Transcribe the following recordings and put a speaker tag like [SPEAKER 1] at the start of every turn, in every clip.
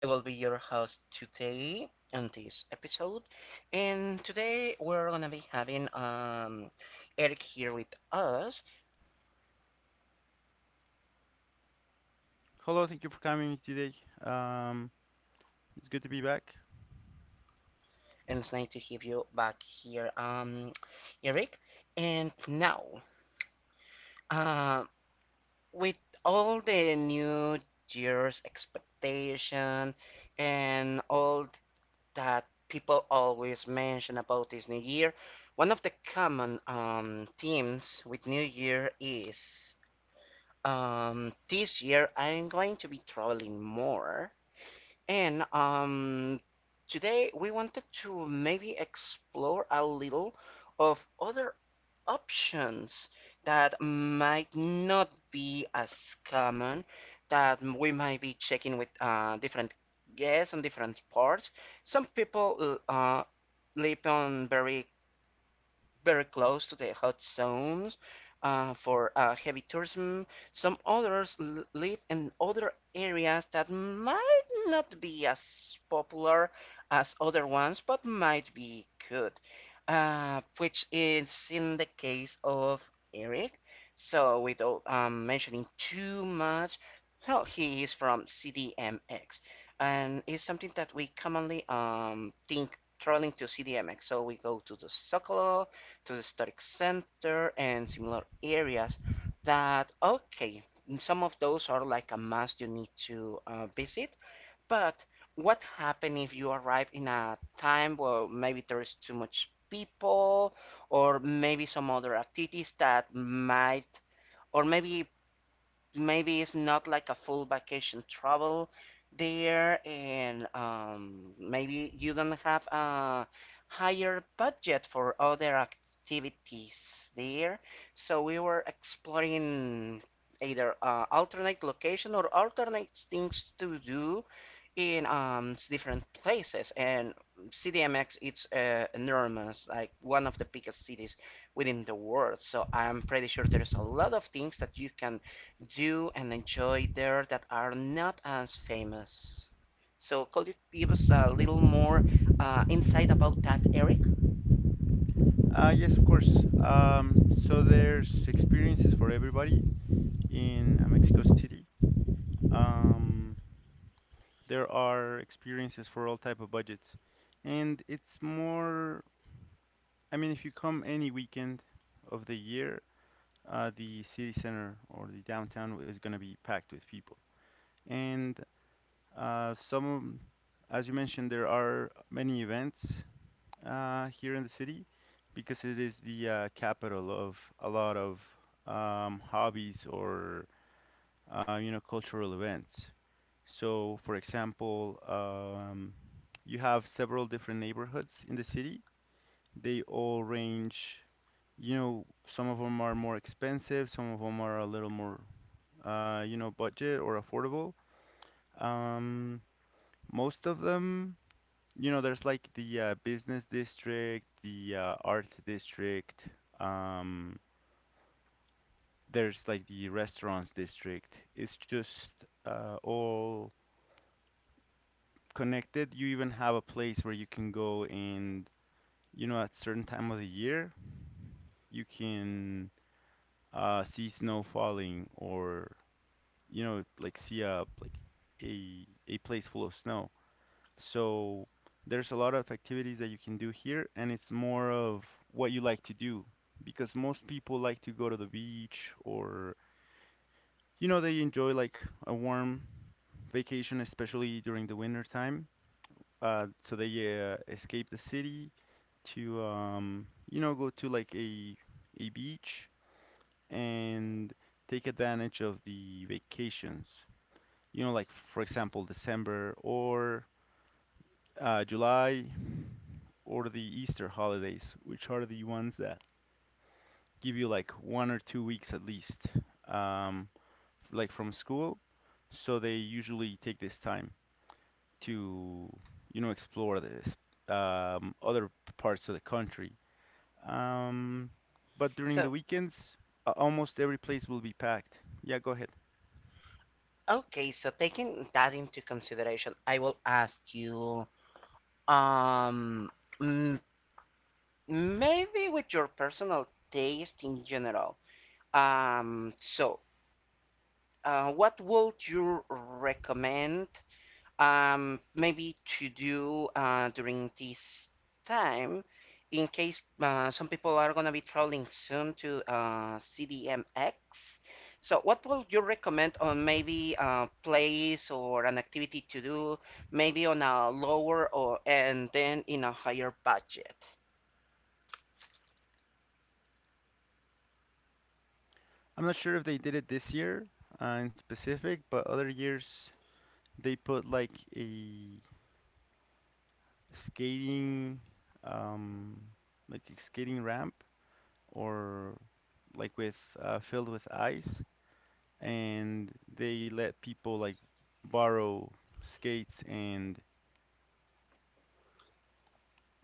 [SPEAKER 1] I will be your host today on this episode. And today we're gonna be having Eric here with us,
[SPEAKER 2] Hello, thank you for coming today. Um, it's good to be back.
[SPEAKER 1] and it's nice to have you back here, Eric. And now, uh, with all the new year's expectation and all that people always mention about this New Year. One of the common themes with New Year is this year I'm going to be traveling more, and today we wanted to maybe explore a little of other options that might not be as common, that we might be checking with different guests on different parts. Some people live on very very close to the hot zones, for heavy tourism. Some others live in other areas that might not be as popular as other ones, but might be good, which is in the case of Eric. So, without mentioning too much, so he is from CDMX, and it's something that we commonly think traveling to CDMX. So we go to the Zócalo, to the historic center and similar areas that, okay, some of those are like a must, you need to visit, but what happen if you arrive in a time where maybe there's too much people, or maybe some other activities that might, or maybe, it's not like a full vacation travel there, and maybe you don't have a higher budget for other activities there, so we were exploring either alternate location or alternate things to do in different places. And CDMX it's enormous, like one of the biggest cities within the world, so I'm pretty sure there's a lot of things that you can do and enjoy there that are not as famous. So could you give us a little more insight about that, Eric?
[SPEAKER 2] Yes, of course. So there's experiences for everybody in Mexico City. Um, there are experiences for all type of budgets, and it's more. I mean, if you come any weekend of the year, the city center or the downtown is going to be packed with people, and some, as you mentioned, there are many events here in the city because it is the capital of a lot of hobbies or you know cultural events. So, for example, you have several different neighborhoods in the city. They all range, you know, some of them are more expensive, some of them are a little more, you know, budget or affordable. Um, most of them. You know, there's like the business district, the art district, um, there's like the restaurants district. It's just all connected. You even have a place where you can go and, you know, at certain time of the year, you can see snow falling or, you know, like see a like a place full of snow. So there's a lot of activities that you can do here, and it's more of what you like to do because most people like to go to the beach or, you know, they enjoy like a warm vacation, especially during the winter time. So they escape the city to, you know, go to like a beach and take advantage of the vacations. You know, like for example, December or July or the Easter holidays, which are the ones that give you like 1 or 2 weeks at least, um, like from school. So they usually take this time to, you know, explore this other parts of the country. Um, but during
[SPEAKER 1] So,
[SPEAKER 2] the weekends, almost every place will be packed. Yeah, go ahead.
[SPEAKER 1] okay, so taking that into consideration, I will ask you, um mm, maybe with your personal taste in general. So, what would you recommend, maybe to do during this time, in case some people are going to be traveling soon to CDMX? So, what would you recommend on maybe a place or an activity to do, maybe on a lower or and then in a higher budget?
[SPEAKER 2] I'm not sure if they did it this year in specific, but other years they put a skating, um, like a skating ramp or like with filled with ice, and borrow skates and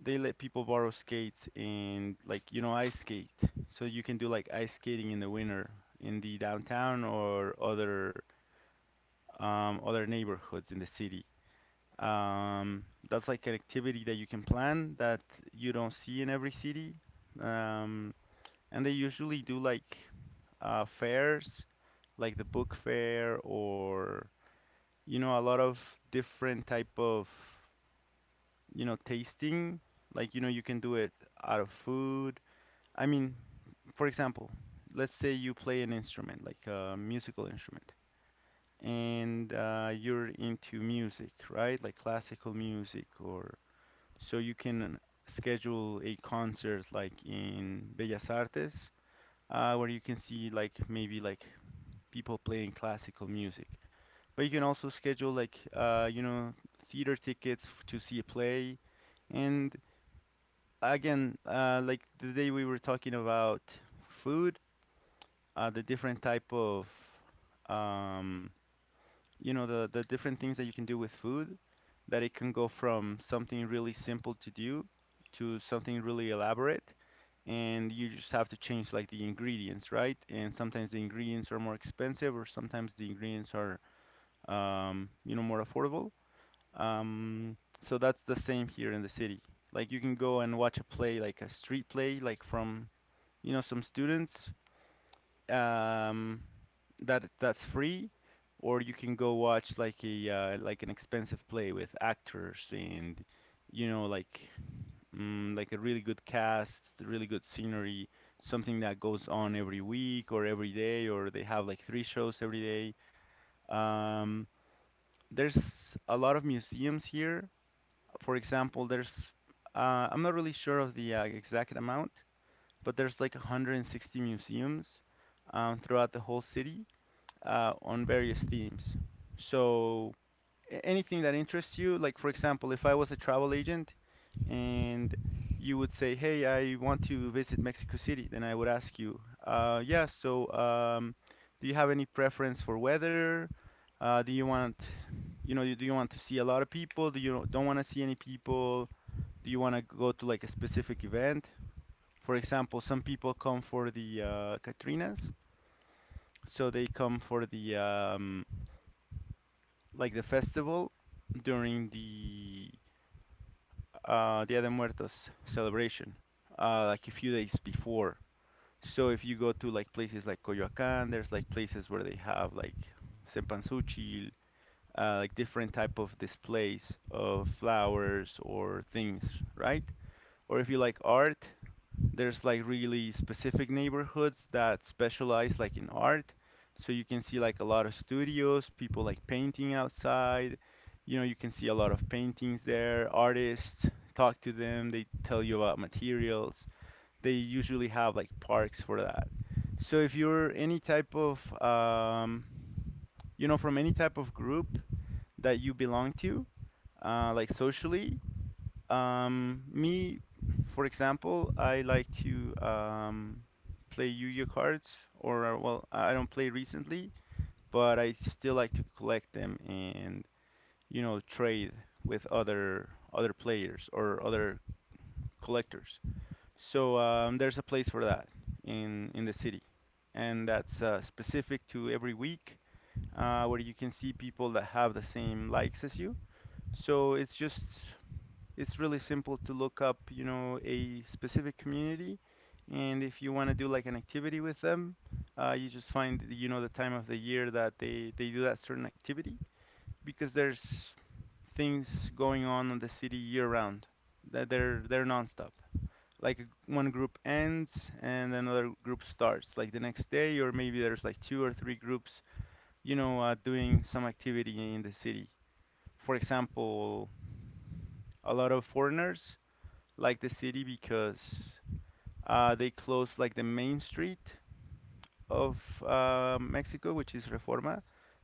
[SPEAKER 2] they let people borrow skates and like you know ice skate. So you can do like ice skating in the winter in the downtown or other neighborhoods in the city. Um, that's like an activity that you can plan that you don't see in every city. Um, And they usually do like fairs, like the book fair or you know a lot of different type of you know tasting. Like you know you can do it out of food. I mean, for example, let's say you play an instrument, like a musical instrument, and you're into music, right? Like classical music or so you can schedule a concert like in Bellas Artes where you can see like maybe like people playing classical music. But you can also schedule like you know theater tickets to see a play. And again, like the day we were talking about food, the different type of um, you know the different things that you can do with food, that it can go from something really simple to do to something really elaborate. And you just have to change like the ingredients, right? And sometimes the ingredients are more expensive, or sometimes the ingredients are you know, more affordable. Um, so that's the same here in the city. Like you can go and watch a play, like a street play, like from, you know, some students, um, that's free, or you can go watch like a like an expensive play with actors and, you know, like like a really good cast, really good scenery, something that goes on every week or every day, or they have like three shows every day. There's a lot of museums here. For example, there's I'm not really sure of the exact amount, but there's like 160 museums throughout the whole city on various themes. So anything that interests you. Like, for example, if I was a travel agent and you would say, "Hey, I want to visit Mexico City," then I would ask you, "Yeah, so do you have any preference for weather? Do you want, you know, do you want to see a lot of people? Do you don't want to see any people? Do you want to go to like a specific event?" For example, some people come for the Katrinas, so they come for the like the festival during the Dia de Muertos celebration, like a few days before. So if you go to like places like Coyoacán, there's like places where they have like cempasúchil, like different type of displays of flowers or things, right? Or if you like art, there's like really specific neighborhoods that specialize like in art. So you can see like a lot of studios, people like painting outside. You know, you can see a lot of paintings there, artists, talk to them, they tell you about materials. They usually have like parks for that. So if you're any type of you know, from any type of group that you belong to, like socially, me, for example, I like to play Yu-Gi-Oh cards, or well, I don't play recently, but I still like to collect them and you know trade with other players or other collectors. So there's a place for that in the city, and that's specific to every week, where you can see people that have the same likes as you. So it's just it's really simple to look up, you know, a specific community, and if you want to do like an activity with them, you just find, you know, the time of the year that they do that certain activity because there's things going on in the city year round that they're nonstop. Like one group ends and another group starts, like the next day, or maybe there's like two or three groups, you know, doing some activity in the city. For example, a lot of foreigners like the city because they closed like the main street of Mexico, which is Reforma.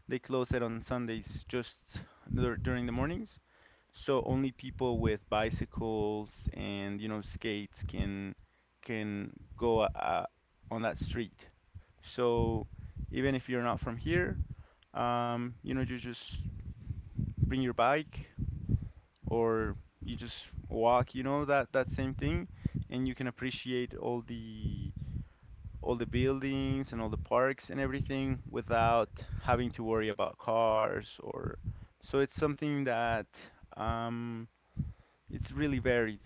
[SPEAKER 2] They close it on Sundays just during the mornings. So only people with bicycles and you know skates can go on that street. So even if you're not from here, you know you just bring your bike or you just walk, you know, that that same thing, and you can appreciate all the buildings and all the parks and everything without having to worry about cars or so it's something that um it's really varied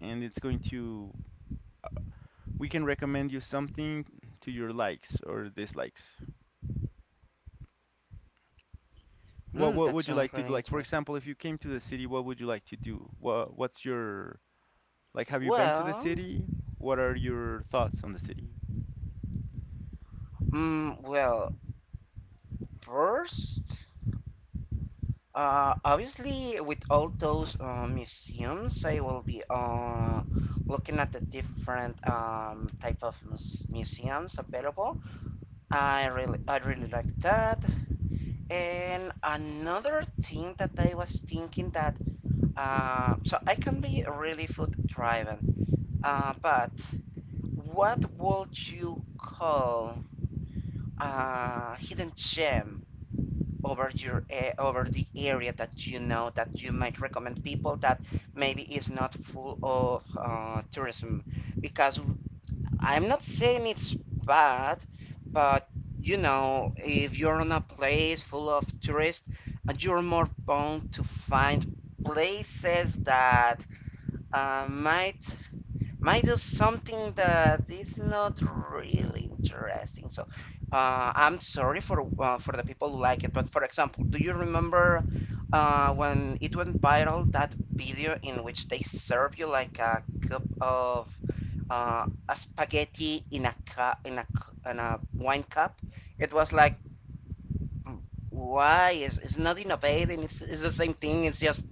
[SPEAKER 2] and it's going to we can recommend you something to your likes or dislikes.
[SPEAKER 1] Mm,
[SPEAKER 2] What
[SPEAKER 1] that
[SPEAKER 2] would you like
[SPEAKER 1] sounds
[SPEAKER 2] to do?
[SPEAKER 1] really
[SPEAKER 2] Like for
[SPEAKER 1] interesting.
[SPEAKER 2] example, if you came to the city, what would you like to do? What what's your— Like, have you been to the
[SPEAKER 1] Well,
[SPEAKER 2] city? What are your thoughts on the city?
[SPEAKER 1] well, first. Obviously, with all those museums, I will be looking at the different type of museums available. I really like that. And another thing that I was thinking that, so I can be really food driven. But what would you call a hidden gem over the area that you know, that you might recommend people, that maybe is not full of tourism? Because I'm not saying it's bad, but you know, if you're in a place full of tourists, and you're more bound to find places that uh, might might do something that is not really interesting. So, I'm sorry for the people who like it, but for example, do you remember when it went viral that video in which they serve you like a cup of a spaghetti in a cup, in a in a wine cup? It was like, "Mm, why is it's not innovating, it's the same thing, it's just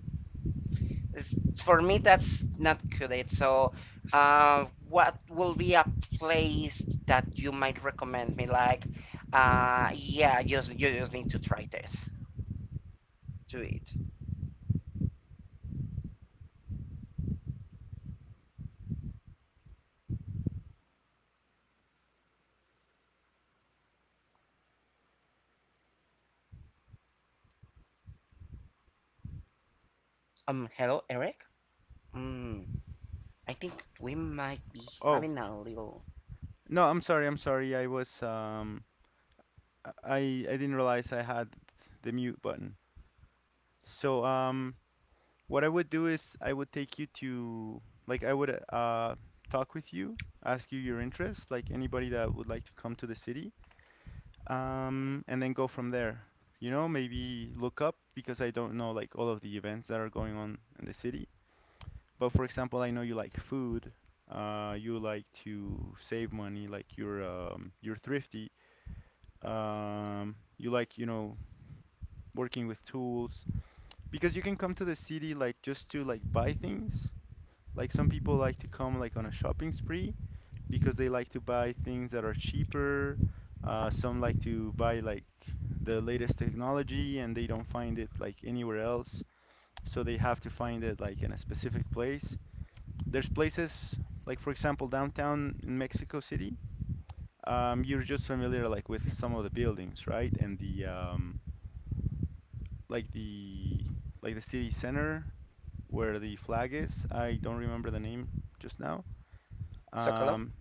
[SPEAKER 1] it's- For me, that's not good." So, what will be a place that you might recommend me? Like, yeah, you just need to try this. Do it. Hello, Eric? Mm, I think we might be
[SPEAKER 2] Oh,
[SPEAKER 1] having a little.
[SPEAKER 2] no, I'm sorry, I'm sorry. I was um I I didn't realize I had the mute button. So, um, what I would do is I would take you to like I would talk with you, ask you your interests, like anybody that would like to come to the city, um, and then go from there. You know, maybe look up because I don't know like all of the events that are going on in the city. But for example, I know you like food, you like to save money, like you're thrifty. You like, you know, working with tools because you can come to the city like just to like buy things. Like some people like to come like on a shopping spree because they like to buy things that are cheaper. Some like to buy like the latest technology and they don't find it like anywhere else, so they have to find it like in a specific place. There's places like, for example, downtown in Mexico City. You're just familiar like with some of the buildings, right? And the like the city center where the flag is. I don't remember the name just now.
[SPEAKER 1] Socolo?
[SPEAKER 2] Um,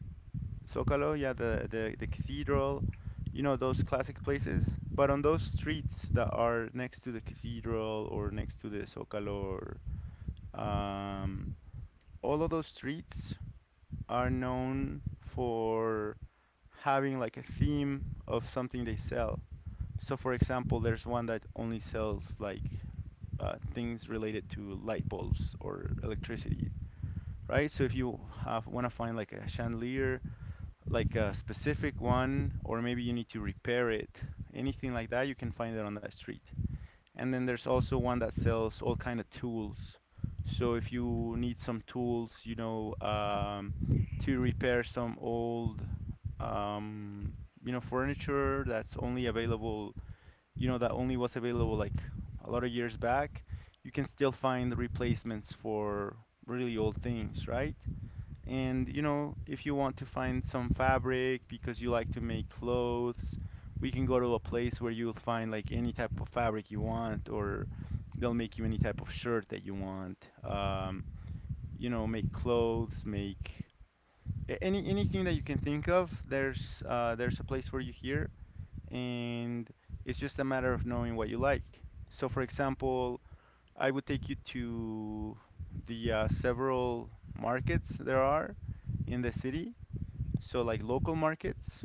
[SPEAKER 2] Zócalo, yeah, the cathedral, you know those classic places. But on those streets that are next to the cathedral or next to the Zócalo, or, all of those streets are known for having like a theme of something they sell. So, for example, there's one that only sells like things related to light bulbs or electricity, right? So, if you have want to find like a chandelier, like a specific one, or maybe you need to repair it, anything like that, you can find it on that street. And then there's also one that sells all kind of tools. So if you need some tools, to repair some old, um, furniture that's only available, that only was available like a lot of years back, you can still find replacements for really old things, right? And if you want to find some fabric because you like to make clothes, we can go to a place where you'll find like any type of fabric you want, or they'll make you any type of shirt that you want. Um, Make clothes, make anything that you can think of. There's a place for you here, and it's just a matter of knowing what you like. So, for example, I would take you to the several markets there are in the city, so, like local markets.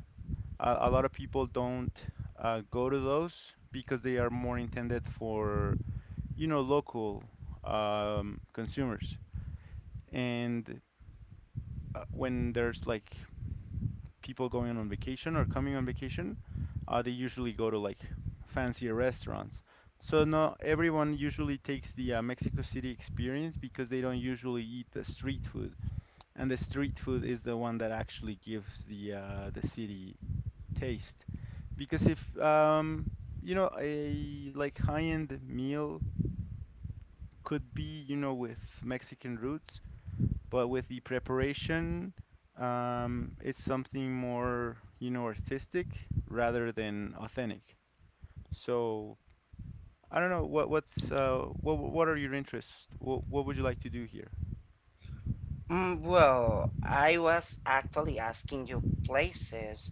[SPEAKER 2] A lot of people don't go to those because they are more intended for, local consumers. And when there's like people going on vacation or coming on vacation, they usually go to like fancier restaurants. So, not everyone usually takes the Mexico City experience because they don't usually eat the street food. And the street food is the one that actually gives the city taste, because if a like high-end meal could be with Mexican roots, but with the preparation it's something more artistic rather than authentic. So I don't know, what are your interests, what would you like to do here?
[SPEAKER 1] Well, I was actually asking you places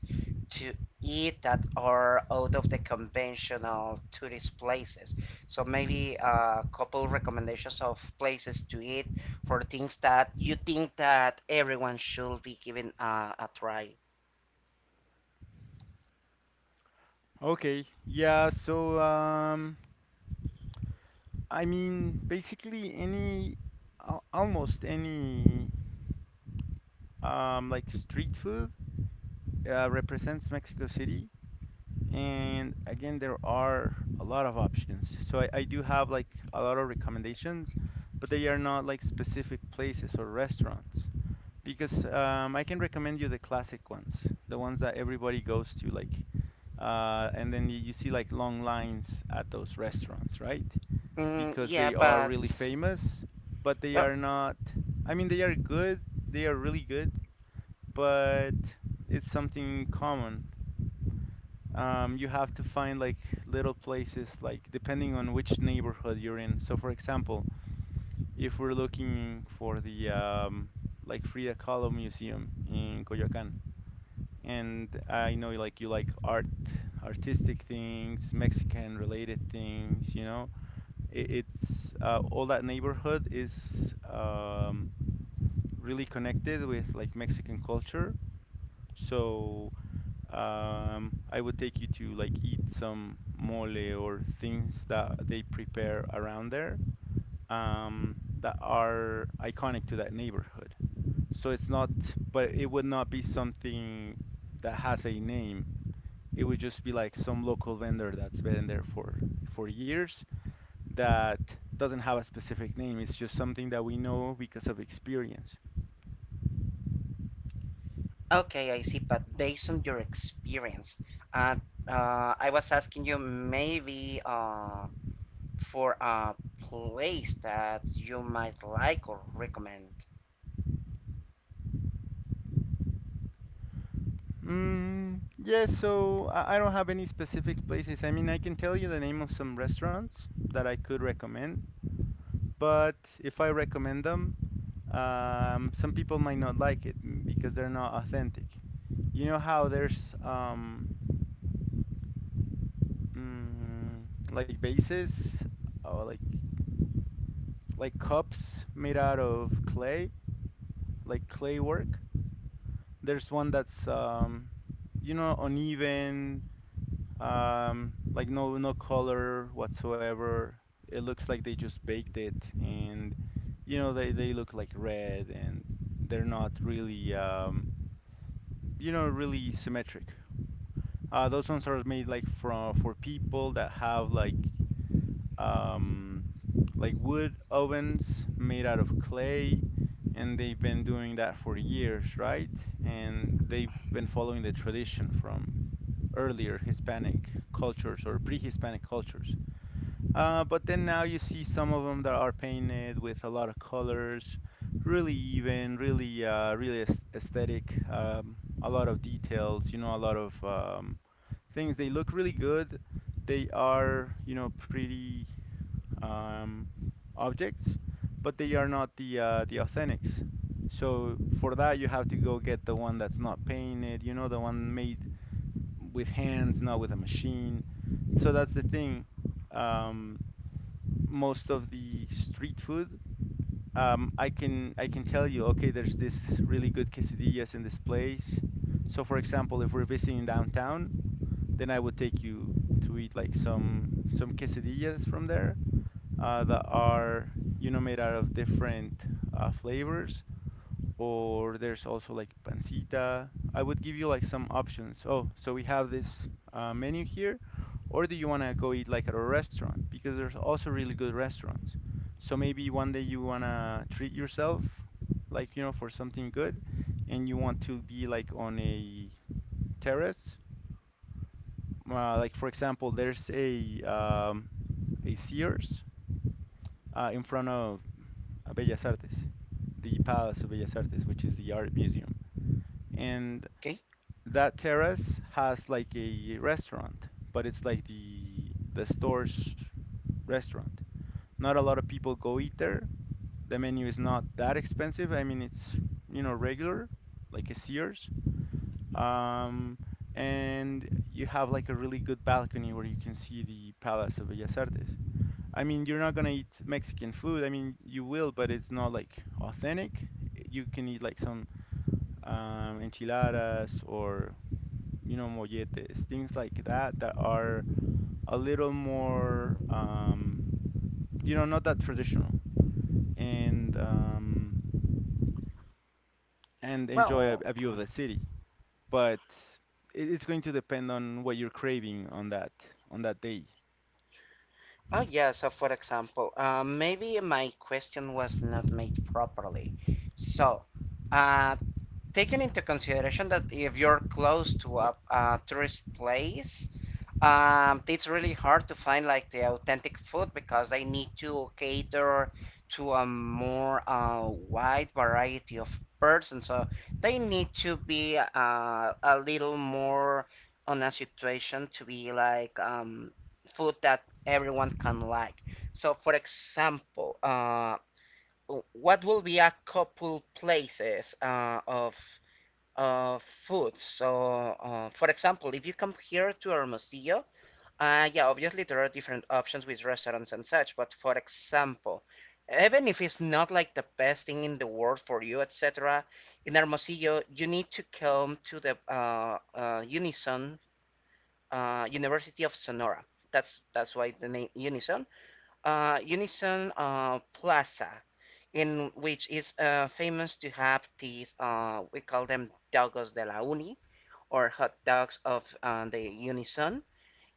[SPEAKER 1] to eat that are out of the conventional tourist places. So maybe a couple recommendations of places to eat, for things that you think that everyone should be giving a try.
[SPEAKER 2] Okay, yeah, so I mean basically almost any like street food represents Mexico City. And again, there are a lot of options. So I do have like a lot of recommendations, but they are not like specific places or restaurants. Because I can recommend you the classic ones, the ones that everybody goes to, like, and then you see like long lines at those restaurants, right?
[SPEAKER 1] Mm,
[SPEAKER 2] Because
[SPEAKER 1] yeah,
[SPEAKER 2] they are
[SPEAKER 1] but,
[SPEAKER 2] really famous, but they
[SPEAKER 1] well,
[SPEAKER 2] are not, I mean, they are good, they are really good, but it's something common. You have to find like little places, like depending on which neighborhood you're in. So, for example, if we're looking for the like Frida Kahlo Museum in Coyoacán, and I know like you like art, artistic things, Mexican related things, it, it's all that neighborhood is really connected with like Mexican culture. So I would take you to like eat some mole or things that they prepare around there, that are iconic to that neighborhood. So it's not, but it would not be something that has a name. It would just be like some local vendor that's been there for years, that doesn't have a specific name. It's just something that we know because of experience.
[SPEAKER 1] okay, I see. But based on your experience, uh, I was asking you maybe. For a place that you might like or recommend.
[SPEAKER 2] Mm, yes, so I don't have any specific places. I mean, I can tell you the name of some restaurants that I could recommend, but if I recommend them, some people might not like it, because they're not authentic. You know how there's like vases, or like cups made out of clay, like clay work. There's one that's uneven. Like no color whatsoever. It looks like they just baked it, and they look like red, and they're not really really symmetric. Those ones are made like from for people that have um like wood ovens made out of clay, and they've been doing that for years, right? And they've been following the tradition from earlier Hispanic cultures, or pre-Hispanic cultures. But then now you see some of them that are painted with a lot of colors, really even, really, really aesthetic. A lot of details, a lot of things. They look really good. They are, pretty um, objects, but they are not the authentics. So for that, you have to go get the one that's not painted, the one made with hands, not with a machine. So that's the thing. Um, Most of the street food, I can tell you, okay, there's this really good quesadillas in this place. So for example, if we're visiting downtown, then I would take you to eat like some quesadillas from there, that are, made out of different flavors, or there's also like pancita. I would give you like some options. Oh, so we have this menu here, or do you want to go eat like at a restaurant? Because there's also really good restaurants. So maybe one day you want to treat yourself, like for something good, and you want to be like on a terrace. Like for example, there's a Sears in front of Bellas Artes, the Palace of Bellas Artes, which is the art museum, and
[SPEAKER 1] Okay.
[SPEAKER 2] that terrace has like a restaurant, but it's like the store's restaurant. Not a lot of people go eat there. The menu is not that expensive. I mean, it's regular, like a Sears. Um, and you have like a really good balcony where you can see the Palace of Bellas Artes. I mean, you're not gonna eat Mexican food. I mean, you will, but it's not like authentic. You can eat like some enchiladas, or molletes, things like that that are a little more, not that traditional, and um, and enjoy a,
[SPEAKER 1] Well,
[SPEAKER 2] a view of the city. But it's going to depend on what you're craving on that day.
[SPEAKER 1] oh yeah. So for example, maybe my question was not made properly. So, uh, taking into consideration that if you're close to a tourist place, it's really hard to find like the authentic food because they need to cater to a more wide variety of persons. So they need to be a little more on a situation to be like food that everyone can like. So, for example, what will be a couple places of food? So, for example, if you come here to Hermosillo. Yeah, obviously there are different options with restaurants and such, but for example, even if it's not like the best thing in the world for you, etc., in Hermosillo, you need to come to the Unison, University of Sonora. That's why the name Unison, Unison Plaza, in which is famous to have these, we call them Dogos de la Uni, or hot dogs of the Unison,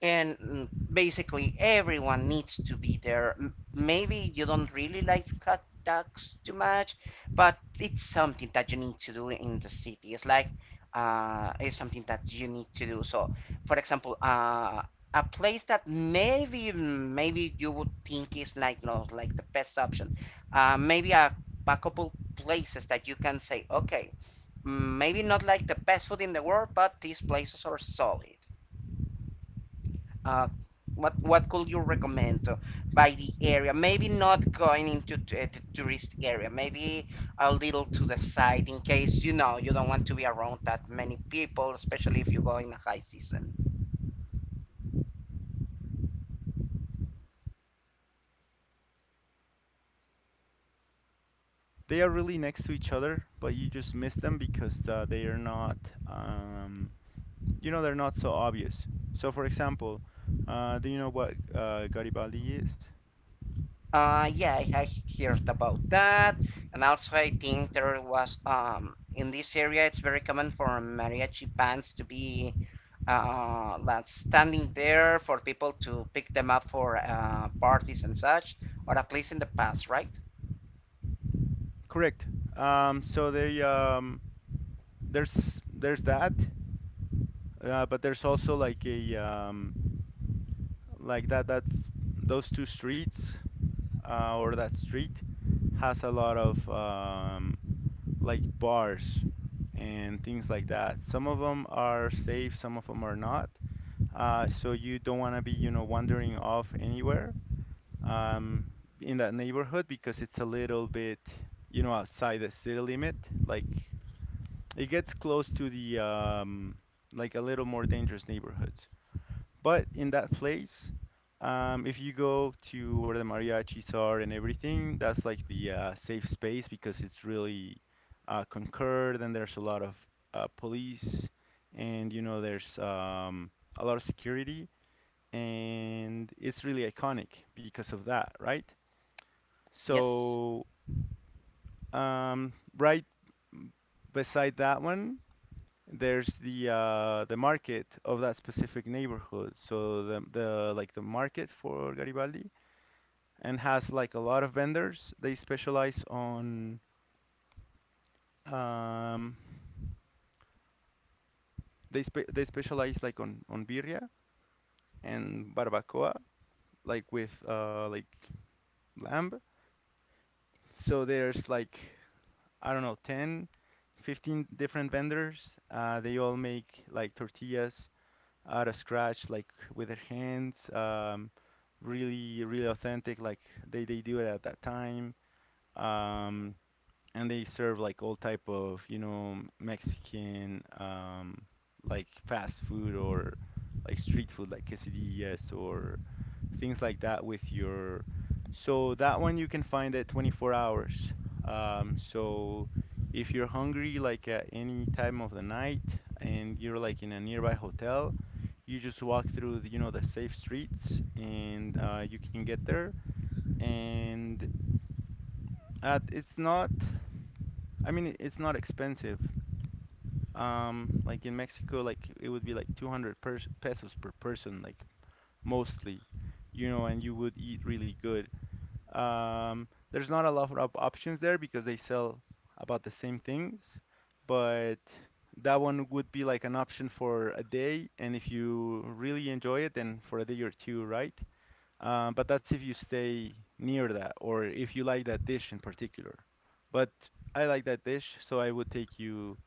[SPEAKER 1] and basically everyone needs to be there. Maybe you don't really like hot dogs too much, but it's something that you need to do in the city. It's like, it's something that you need to do. So, for example, a place that maybe, maybe you would think is like not like the best option. Maybe a couple places that you can say, okay, maybe not like the best food in the world, but these places are solid. Uh, what what could you recommend by the area? Maybe not going into the tourist area. Maybe a little to the side, in case you know you don't want to be around that many people, especially if you go in a high season.
[SPEAKER 2] They are really next to each other, but you just miss them because they are not, um, they're not so obvious. So, for example, do you know what Garibaldi is?
[SPEAKER 1] Yeah, I heard about that, and also I think there was in this area it's very common for mariachi bands to be like standing there for people to pick them up for parties and such, or at least in the past, right?
[SPEAKER 2] Correct. So they, there's that, but there's also like a, like that that's those two streets, or that street has a lot of like bars and things like that. Some of them are safe, some of them are not. So you don't want to be, wandering off anywhere um, in that neighborhood, because it's a little bit, outside the city limit, like it gets close to the, like a little more dangerous neighborhoods. But in that place, if you go to where the mariachis are and everything, that's like the safe space, because it's really concurred, and there's a lot of police, and there's a lot of security, and it's really iconic because of that, right?
[SPEAKER 1] Yes.
[SPEAKER 2] So right beside that one, there's the market of that specific neighborhood. So the like the market for Garibaldi, and has like a lot of vendors. They specialize on, um, they specialize like on birria and barbacoa, like with like lamb. So there's like, I don't know, 10, 15 different vendors. They all make like tortillas out of scratch, like with their hands. Really, really authentic, like they do it at that time. Um, and they serve like all type of, Mexican, like fast food or like street food, like quesadillas or things like that with your. So that one you can find at 24 hours. So if you're hungry, like at any time of the night, and you're like in a nearby hotel, you just walk through the safe streets, and you can get there. And it's not. I mean, it's not expensive. Like in Mexico, like it would be like 200 pers pesos per person, like mostly, and you would eat really good. There's not a lot of options there because they sell about the same things, but that one would be like an option for a day, and if you really enjoy it, then for a day or two, right? But that's if you stay near that, or if you like that dish in particular. But I like that dish, so I would take you,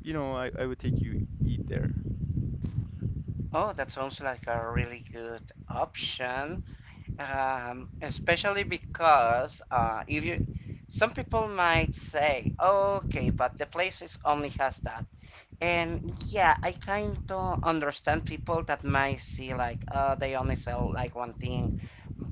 [SPEAKER 2] I would take you eat there.
[SPEAKER 1] Oh, that sounds like a really good option. Especially because if you, some people might say, okay, but the places only has that. And yeah, I kind of understand people that might see like, they only sell like one thing.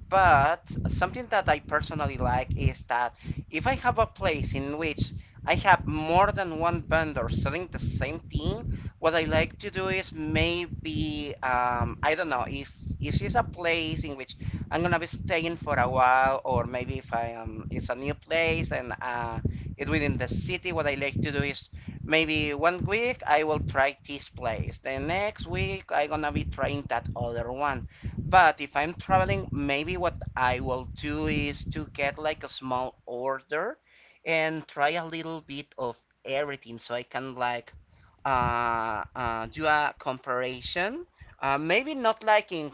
[SPEAKER 1] But something that I personally like is that if I have a place in which I have more than one vendor selling the same thing, what I like to do is maybe, I don't know, if it's a place in which I'm gonna be staying for a while, or maybe, if I am, it's a new place, and it's within the city. What I like to do is, maybe one week I will try this place. The next week I gonna be trying that other one. But if I'm traveling, maybe what I will do is to get like a small order and try a little bit of everything, so I can like do a comparison. Uh, maybe not like in,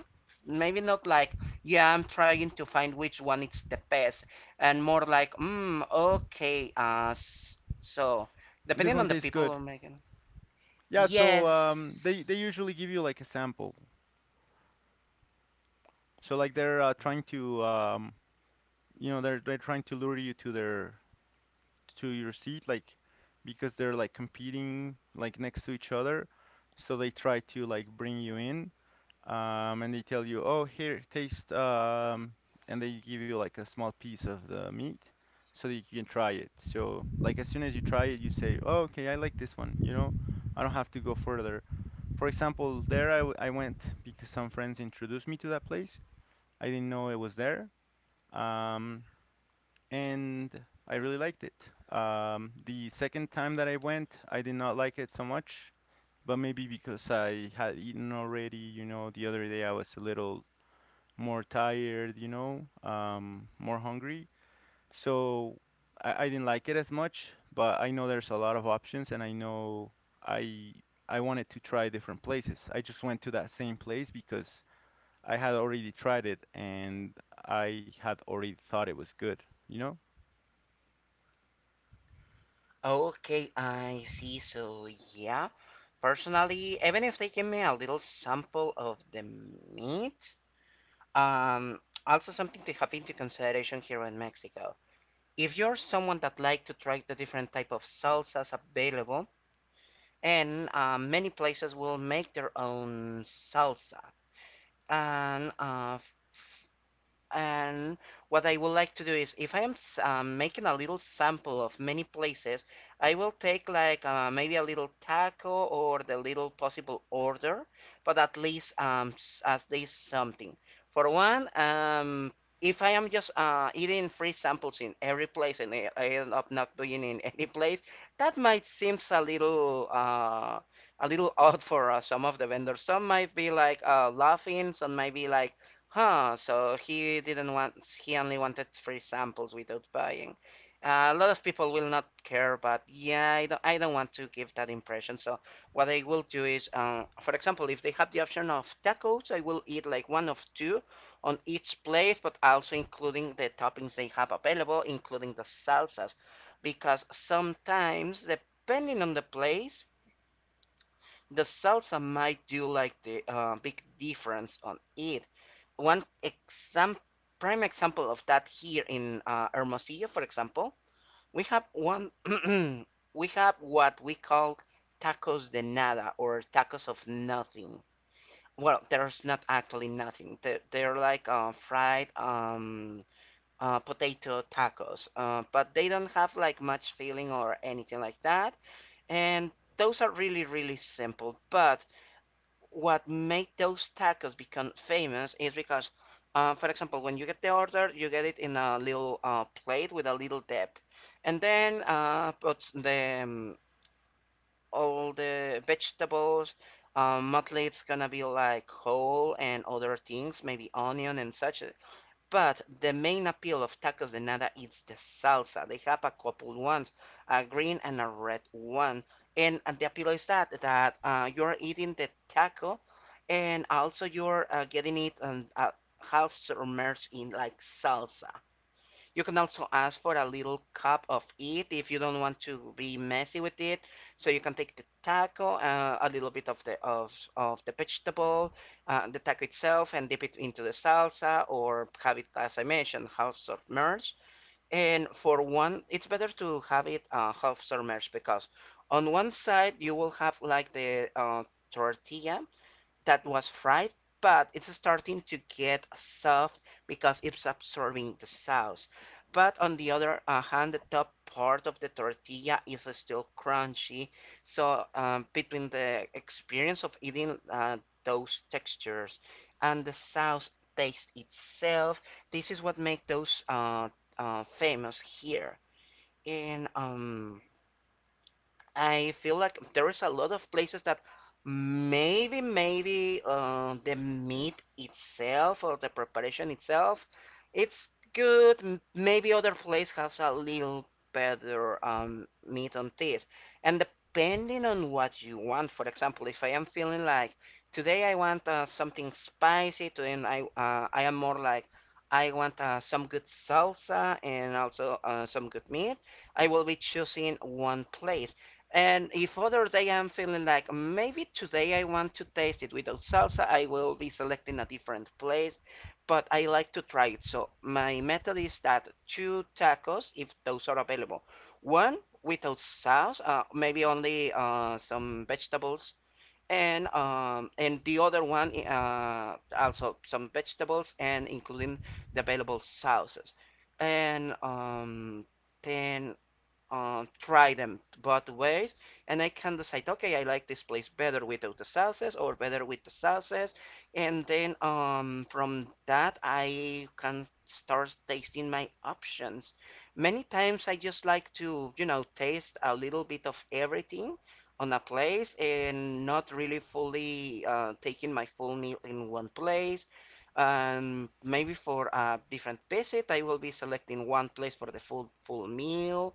[SPEAKER 1] maybe not like, yeah, I'm trying to find which one is the best, and more like, okay, so.
[SPEAKER 2] This
[SPEAKER 1] Depending on
[SPEAKER 2] one
[SPEAKER 1] the
[SPEAKER 2] tastes
[SPEAKER 1] people who
[SPEAKER 2] good.
[SPEAKER 1] are making.
[SPEAKER 2] Yeah, so
[SPEAKER 1] Yes.
[SPEAKER 2] they usually give you like a sample. So like they're trying to they're trying to lure you to their to your seat like because they're like competing like next to each other, so they try to like bring you in. And they tell you, "Oh, here, taste." And they give you like a small piece of the meat so that you can try it. So like as soon as you try it, you say, "Oh, okay, I like this one, I don't have to go further. For example, there I went because some friends introduced me to that place. I didn't know it was there. um and I really liked it. The second time that I went, I did not like it so much, but maybe because I had eaten already, you know, the other day I was a little more tired, you know, more hungry. So I didn't like it as much, but I know there's a lot of options, and I know I I wanted to try different places. I just went to that same place because I had already tried it, and I had already thought it was good, you know?
[SPEAKER 1] Okay, I see. So, yeah, personally, even if they give me a little sample of the meat, um, also something to have into consideration here in Mexico. If you're someone that like to try the different type of salsas available, and many places will make their own salsa, and uh, And what I would like to do is, if I am making a little sample of many places, I will take like maybe a little taco or the little possible order, but at least something. For one, if I am just eating free samples in every place, and I end up not doing in any place, that might seems a little odd for some of the vendors. Some might be like laughing, some might be like, "Huh, so he didn't want, he only wanted free samples without buying." A lot of people will not care, but yeah, I don't want to give that impression. So what I will do is, for example, if they have the option of tacos, I will eat like one of two on each place, but also including the toppings they have available, including the salsas, because sometimes, depending on the place, the salsa might do like the big difference on it. One exam prime example of that here in Hermosillo, for example, we have one we have what we call tacos de nada, or tacos of nothing. Well, there's not actually nothing. They're like fried potato tacos, but they don't have like much filling or anything like that. And those are really, really simple. But what made those tacos become famous is because, for example, when you get the order, you get it in a little plate with a little dip, and then puts the all the vegetables. Mostly it's gonna be like whole and other things, maybe onion and such. But the main appeal of Tacos de Nada is the salsa. They have a couple ones, a green and a red one. And the appeal is that you're eating the taco, and also you're getting it half submerged in like salsa. You can also ask for a little cup of it if you don't want to be messy with it. So you can take the taco, a little bit of the vegetable, the taco itself, and dip it into the salsa or have it as I mentioned, half submerged. And for one, it's better to have it half submerged because on one side you will have like the tortilla that was fried, but it's starting to get soft because it's absorbing the sauce. But on the other hand, the top part of the tortilla is still crunchy. So between the experience of eating those textures and the sauce taste itself, this is what makes those famous here. And I feel like there's a lot of places that maybe the meat itself or the preparation itself, it's good. Maybe other place has a little better meat on this. And depending on what you want, for example, if I am feeling like today I want something spicy, to, and I am more like I want some good salsa and also some good meat. I will be choosing one place. And if other day I'm feeling like maybe today I want to taste it without salsa, I will be selecting a different place, but I like to try it. So my method is that two tacos, if those are available, one without sauce, maybe only some vegetables, and the other one also some vegetables and including the available sauces. And Then try them both ways, and I can decide, okay, I like this place better without the sauces or better with the sauces. And then From that I can start tasting my options. Many times I just like to taste a little bit of everything on a place and not really fully taking my full meal in one place. And maybe for a different visit, I will be selecting one place for the full meal,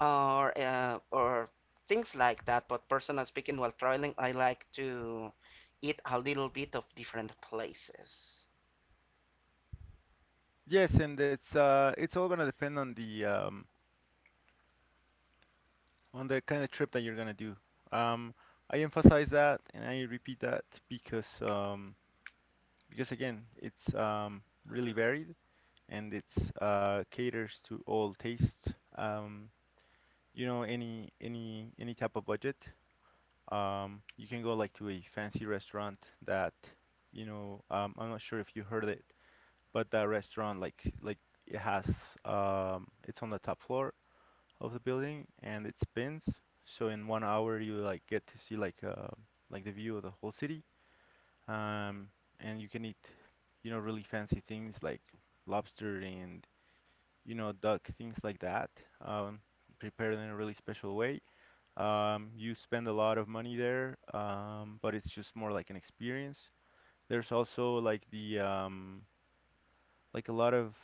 [SPEAKER 1] or or things like that. But personally speaking, while traveling, I like to eat a little bit of different places.
[SPEAKER 2] Yes, and it's all gonna depend on the kind of trip that you're gonna do. Um, I emphasize that and I repeat that because again, it's really varied, and it's caters to all tastes. Um, you know, any any type of budget. You can go like to a fancy restaurant that, you know, I'm not sure if you heard it, but that restaurant like it has it's on the top floor of the building, and it spins. So in 1 hour you like get to see like the view of the whole city. Um, and you can eat, you know, really fancy things like lobster and, you know, duck, things like that. Um, Prepared in a really special way. You spend a lot of money there, but it's just more like an experience. There's also like the like a lot of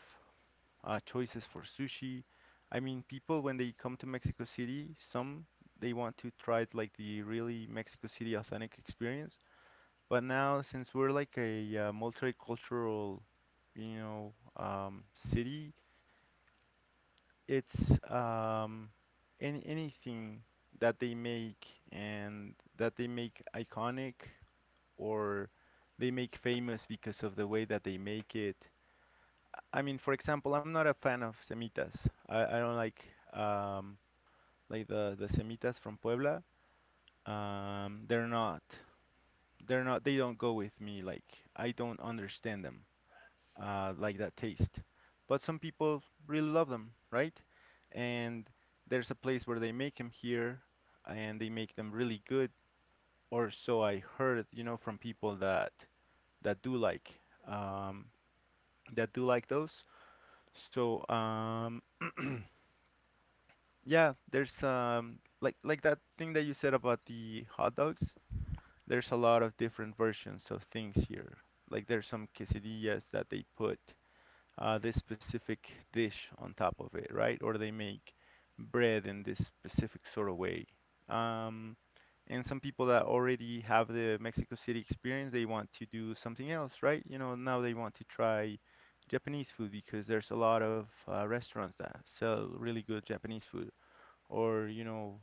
[SPEAKER 2] choices for sushi. I mean, people when they come to Mexico City, some they want to try it like the really Mexico City authentic experience. But now, since we're like a multicultural, you know, city, it's anything that they make and that they make iconic or they make famous because of the way that they make it. I mean, for example, I'm not a fan of semitas. I don't um, like the semitas from Puebla. They're not they don't go with me. Like I don't understand them, like that taste. But some people really love them, right? And there's a place where they make them here, and they make them really good. Or so I heard, you know, from people that that do like um, that do like those. So yeah, there's like that thing that you said about the hot dogs. There's a lot of different versions of things here. Like there's some quesadillas that they put this specific dish on top of it, right? Or they make bread in this specific sort of way. Um, and some people that already have the Mexico City experience, they want to do something else, right? You know, now they want to try Japanese food because there's a lot of restaurants that sell really good Japanese food, or, you know,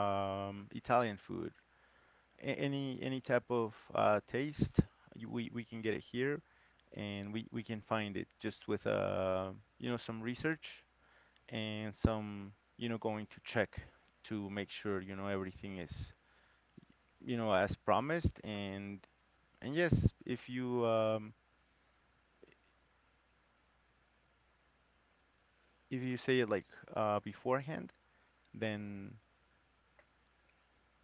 [SPEAKER 2] Italian food. Any type of taste, we can get it here, and we can find it just with you know, some research and some, you know, going to check to make sure, you know, everything is, you know, as promised. And yes, if you say it like beforehand, then,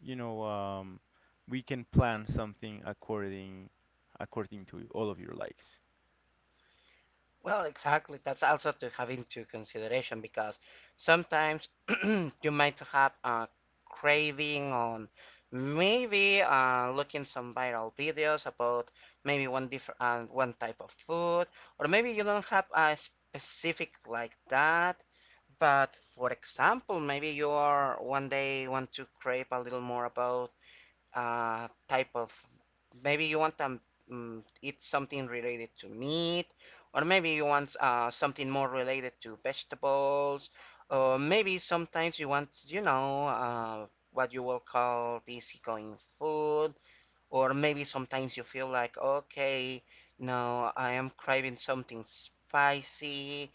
[SPEAKER 2] you know, we can plan something according according to all of your likes.
[SPEAKER 1] Well, exactly. That's also to have into consideration because sometimes you might have a craving on maybe looking some viral videos about maybe one type of food, or maybe you don't have a specific like that. But for example, maybe you are one day want to crave a little more about type of maybe you want to eat something related to meat, or maybe you want something more related to vegetables, or maybe sometimes you want, you know, what you will call easygoing food, or maybe sometimes you feel like, okay, now I am craving something spicy.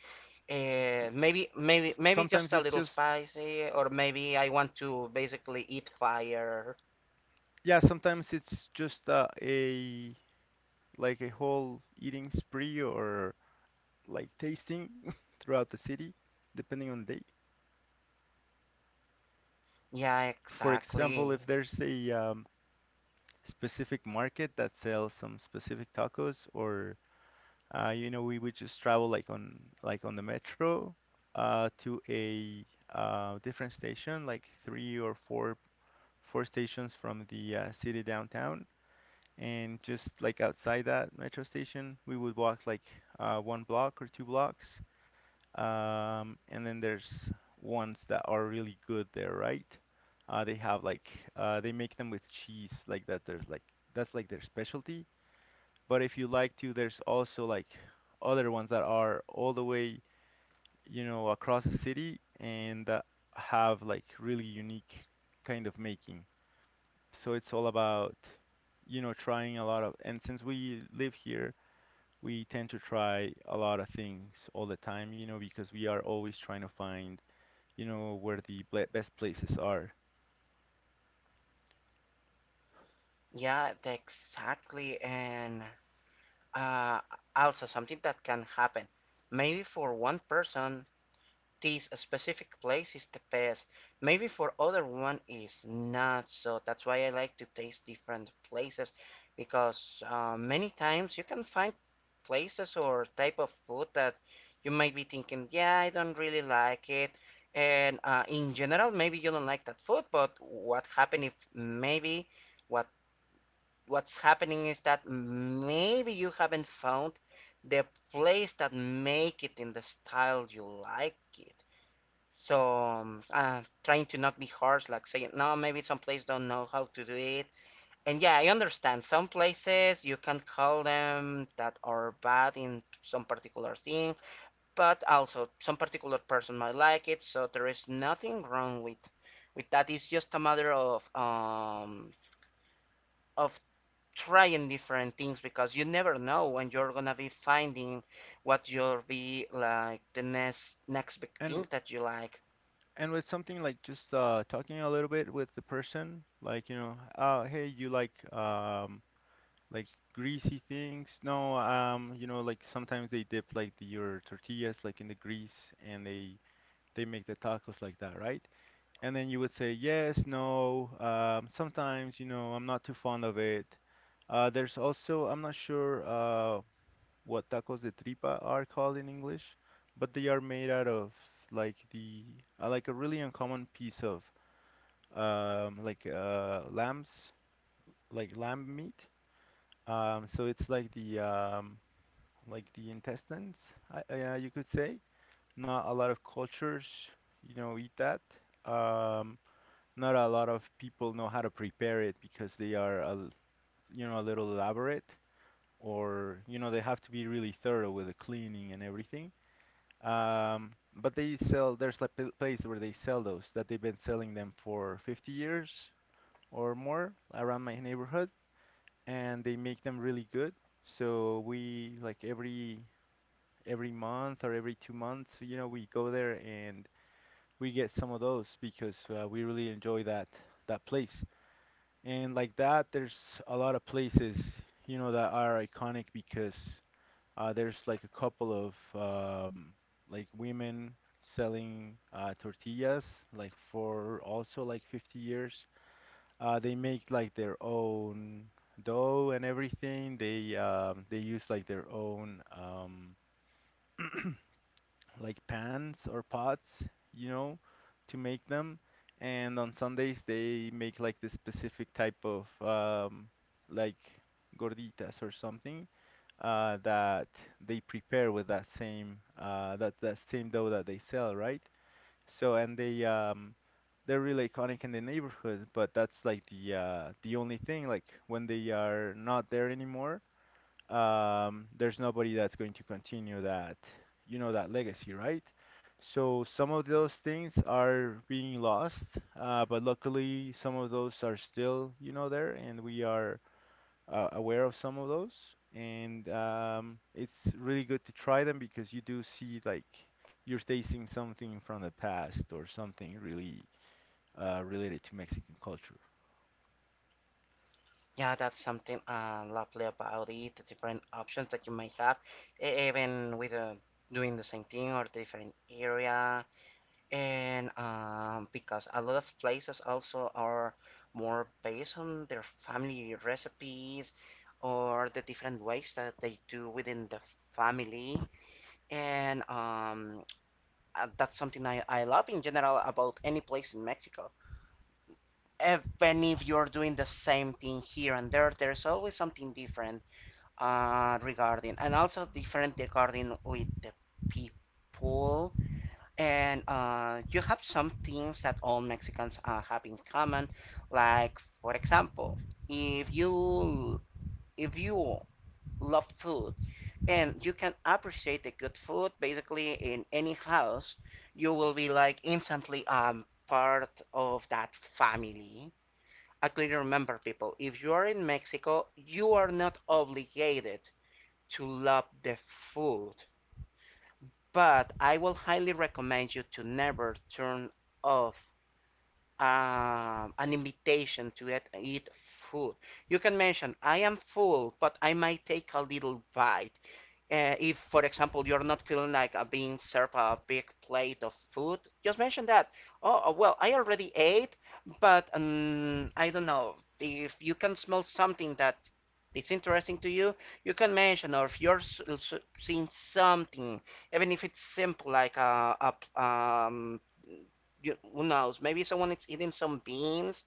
[SPEAKER 1] uh, maybe maybe maybe
[SPEAKER 2] Sometimes
[SPEAKER 1] just a
[SPEAKER 2] it's
[SPEAKER 1] little
[SPEAKER 2] just,
[SPEAKER 1] spicy, or maybe I want to basically eat fire.
[SPEAKER 2] yeah, sometimes it's just a like a whole eating spree, or like tasting throughout the city, depending on the day.
[SPEAKER 1] Yeah,
[SPEAKER 2] For example, if
[SPEAKER 1] exactly.
[SPEAKER 2] there's a specific market that sells some specific tacos, or you know, we would just travel like on the metro to a different station, like three or four stations from the city downtown. And just like outside that metro station, we would walk like one block or two blocks. And then there's ones that are really good there, right? They have like they make them with cheese, like that. There's like that's like their specialty. But if you like to, there's also like other ones that are all the way, you know, across the city, and that have like really unique kind of making. So it's all about, you know, trying a lot of, and since we live here, we tend to try a lot of things all the time, you know, because we are always trying to find, you know, where the best places are.
[SPEAKER 1] Exactly. And uh, also something that can happen, maybe for one person, this specific place is the best. Maybe for other one is not. So that's why I like to taste different places, because many times you can find places or type of food that you might be thinking, yeah, I don't really like it. And in general, maybe you don't like that food, but what happened if maybe what what's happening is that maybe you haven't found the place that make it in the style you like it. So trying to not be harsh, like saying, no, maybe some places don't know how to do it. And yeah, I understand some places you can call them that are bad in some particular thing, but also some particular person might like it. So there is nothing wrong with that. It's just a matter of of trying different things, because you never know when you're gonna be finding what you'll be like the next big
[SPEAKER 2] And
[SPEAKER 1] thing that you like.
[SPEAKER 2] and with something like just talking a little bit with the person, like, you know, oh, hey, you like like greasy things? No, you know, like sometimes they dip like the, your tortillas like in the grease, and they make the tacos like that, right? And then you would say yes, no. Sometimes, you know, I'm not too fond of it. There's also, I'm not sure what tacos de tripa are called in English, but they are made out of like the like a really uncommon piece of like lambs, like lamb meat. So it's like the intestines, you could say. Not a lot of cultures, you know, eat that. Um, Not a lot of people know how to prepare it because they are, you know, a little elaborate, or, you know, they have to be really thorough with the cleaning and everything. But they sell. There's like a place where they sell those that they've been selling them for 50 years or more around my neighborhood, and they make them really good. So we like every month or every 2 months, you know, we go there and we get some of those because we really enjoy that that place. And like that, there's a lot of places, you know, that are iconic because there's like a couple of like women selling tortillas like for also like 50 years. They make like their own dough and everything. They use like their own like pans or pots, you know, to make them. And on Sundays they make like this specific type of like gorditas or something, that they prepare with that same that that same dough that they sell, right? So and they they're really iconic in the neighborhood, but that's like the only thing. Like when they are not there anymore, there's nobody that's going to continue that, you know, that legacy, right? So some of those things are being lost, but luckily some of those are still, you know, there, and we are aware of some of those. And it's really good to try them because you do see like you're tasting something from the past or something really related to Mexican culture.
[SPEAKER 1] Yeah, that's something lovely about it, the different options that you might have, even with doing the same thing or different area. And because a lot of places also are more based on their family recipes or the different ways that they do within the family. And That's something I love in general about any place in Mexico. Even if you're doing the same thing here and there, there's always something different regarding, and also different regarding with the people. And you have some things that all Mexicans have in common, like for example, if you if you love food and you can appreciate the good food, basically in any house you will be like instantly part of that family. I clearly remember people, if you are in Mexico, you are not obligated to love the food, but I will highly recommend you to never turn off an invitation to eat, eat food. You can mention, I am full, but I might take a little bite. If, for example, you're not feeling like being served a big plate of food, just mention that. Oh, well, I already ate, but I don't know. If you can smell something that is interesting to you, you can mention, or if you're seeing something, even if it's simple, like you, who knows, maybe someone is eating some beans,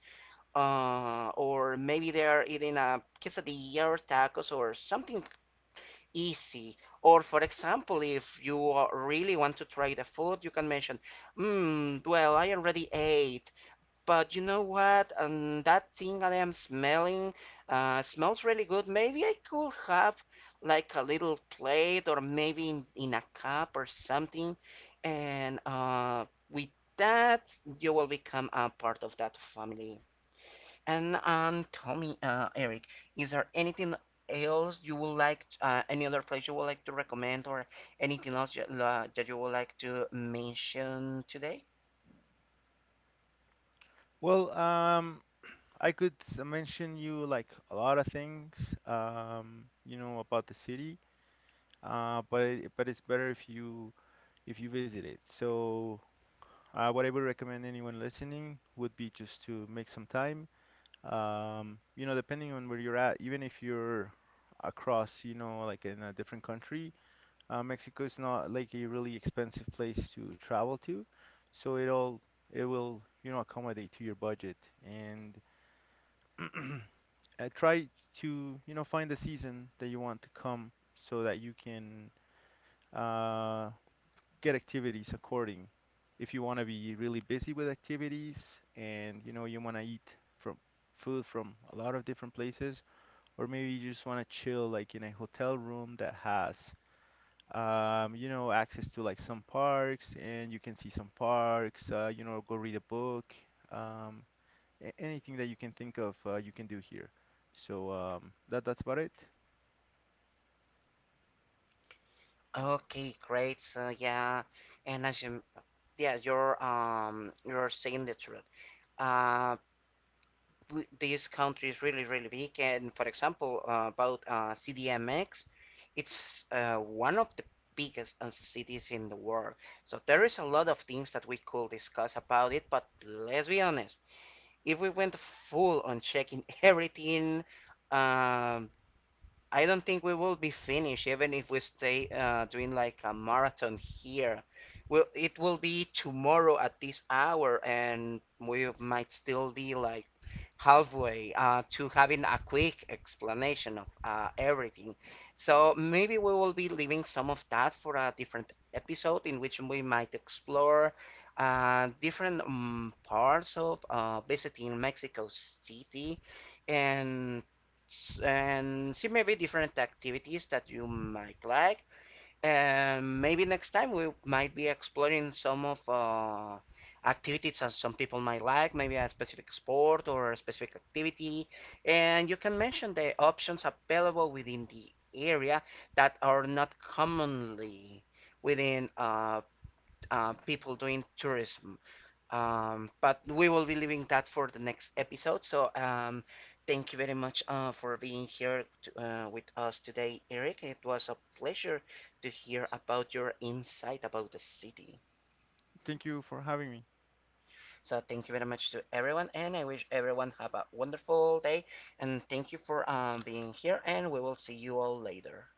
[SPEAKER 1] or maybe they are eating a quesadilla or tacos or something easy. Or for example, if you really want to try the food, you can mention, mm, well, I already ate, but you know what? That thing that I am smelling smells really good. Maybe I could have like a little plate, or maybe in a cup or something. And with that, you will become a part of that family. And tell me, Eric, is there anything else you would like, any other place you would like to recommend, or anything else that you would like to mention today?
[SPEAKER 2] Well, I could mention you like a lot of things, you know, about the city, but but it's better if you visit it. So, what I would recommend anyone listening would be just to make some time. You know, depending on where you're at, even if you're across, you know, like in a different country, Mexico is not like a really expensive place to travel to, so it all it will, you know, accommodate to your budget. And try to, you know, find the season that you want to come so that you can uh, get activities according. If you want to be really busy with activities, and, you know, you want to eat from food from a lot of different places, or maybe you just want to chill like in a hotel room that has you know, access to like some parks, and you can see some parks, you know, go read a book, um, anything that you can think of, you can do here. So that that's about it.
[SPEAKER 1] Okay, great. So yeah, and as you, yeah, you're saying the truth. Uh, this country is really, really big. And for example, about CDMX, it's one of the biggest cities in the world. So there is a lot of things that we could discuss about it. But let's be honest, if we went full on checking everything, um, I don't think we will be finished even if we stay doing like a marathon here. Well, it will be tomorrow at this hour, and we might still be like halfway to having a quick explanation of everything. So maybe we will be leaving some of that for a different episode in which we might explore different parts of visiting Mexico City, and and see maybe different activities that you might like. And maybe next time we might be exploring some of activities that some people might like, maybe a specific sport or a specific activity. And you can mention the options available within the area that are not commonly within people doing tourism. But we will be leaving that for the next episode. So thank you very much for being here with us today, Eric. It was a pleasure to hear about your insight about the city.
[SPEAKER 2] Thank you for having me.
[SPEAKER 1] So thank you very much to everyone, and I wish everyone have a wonderful day. And thank you for being here, and we will see you all later.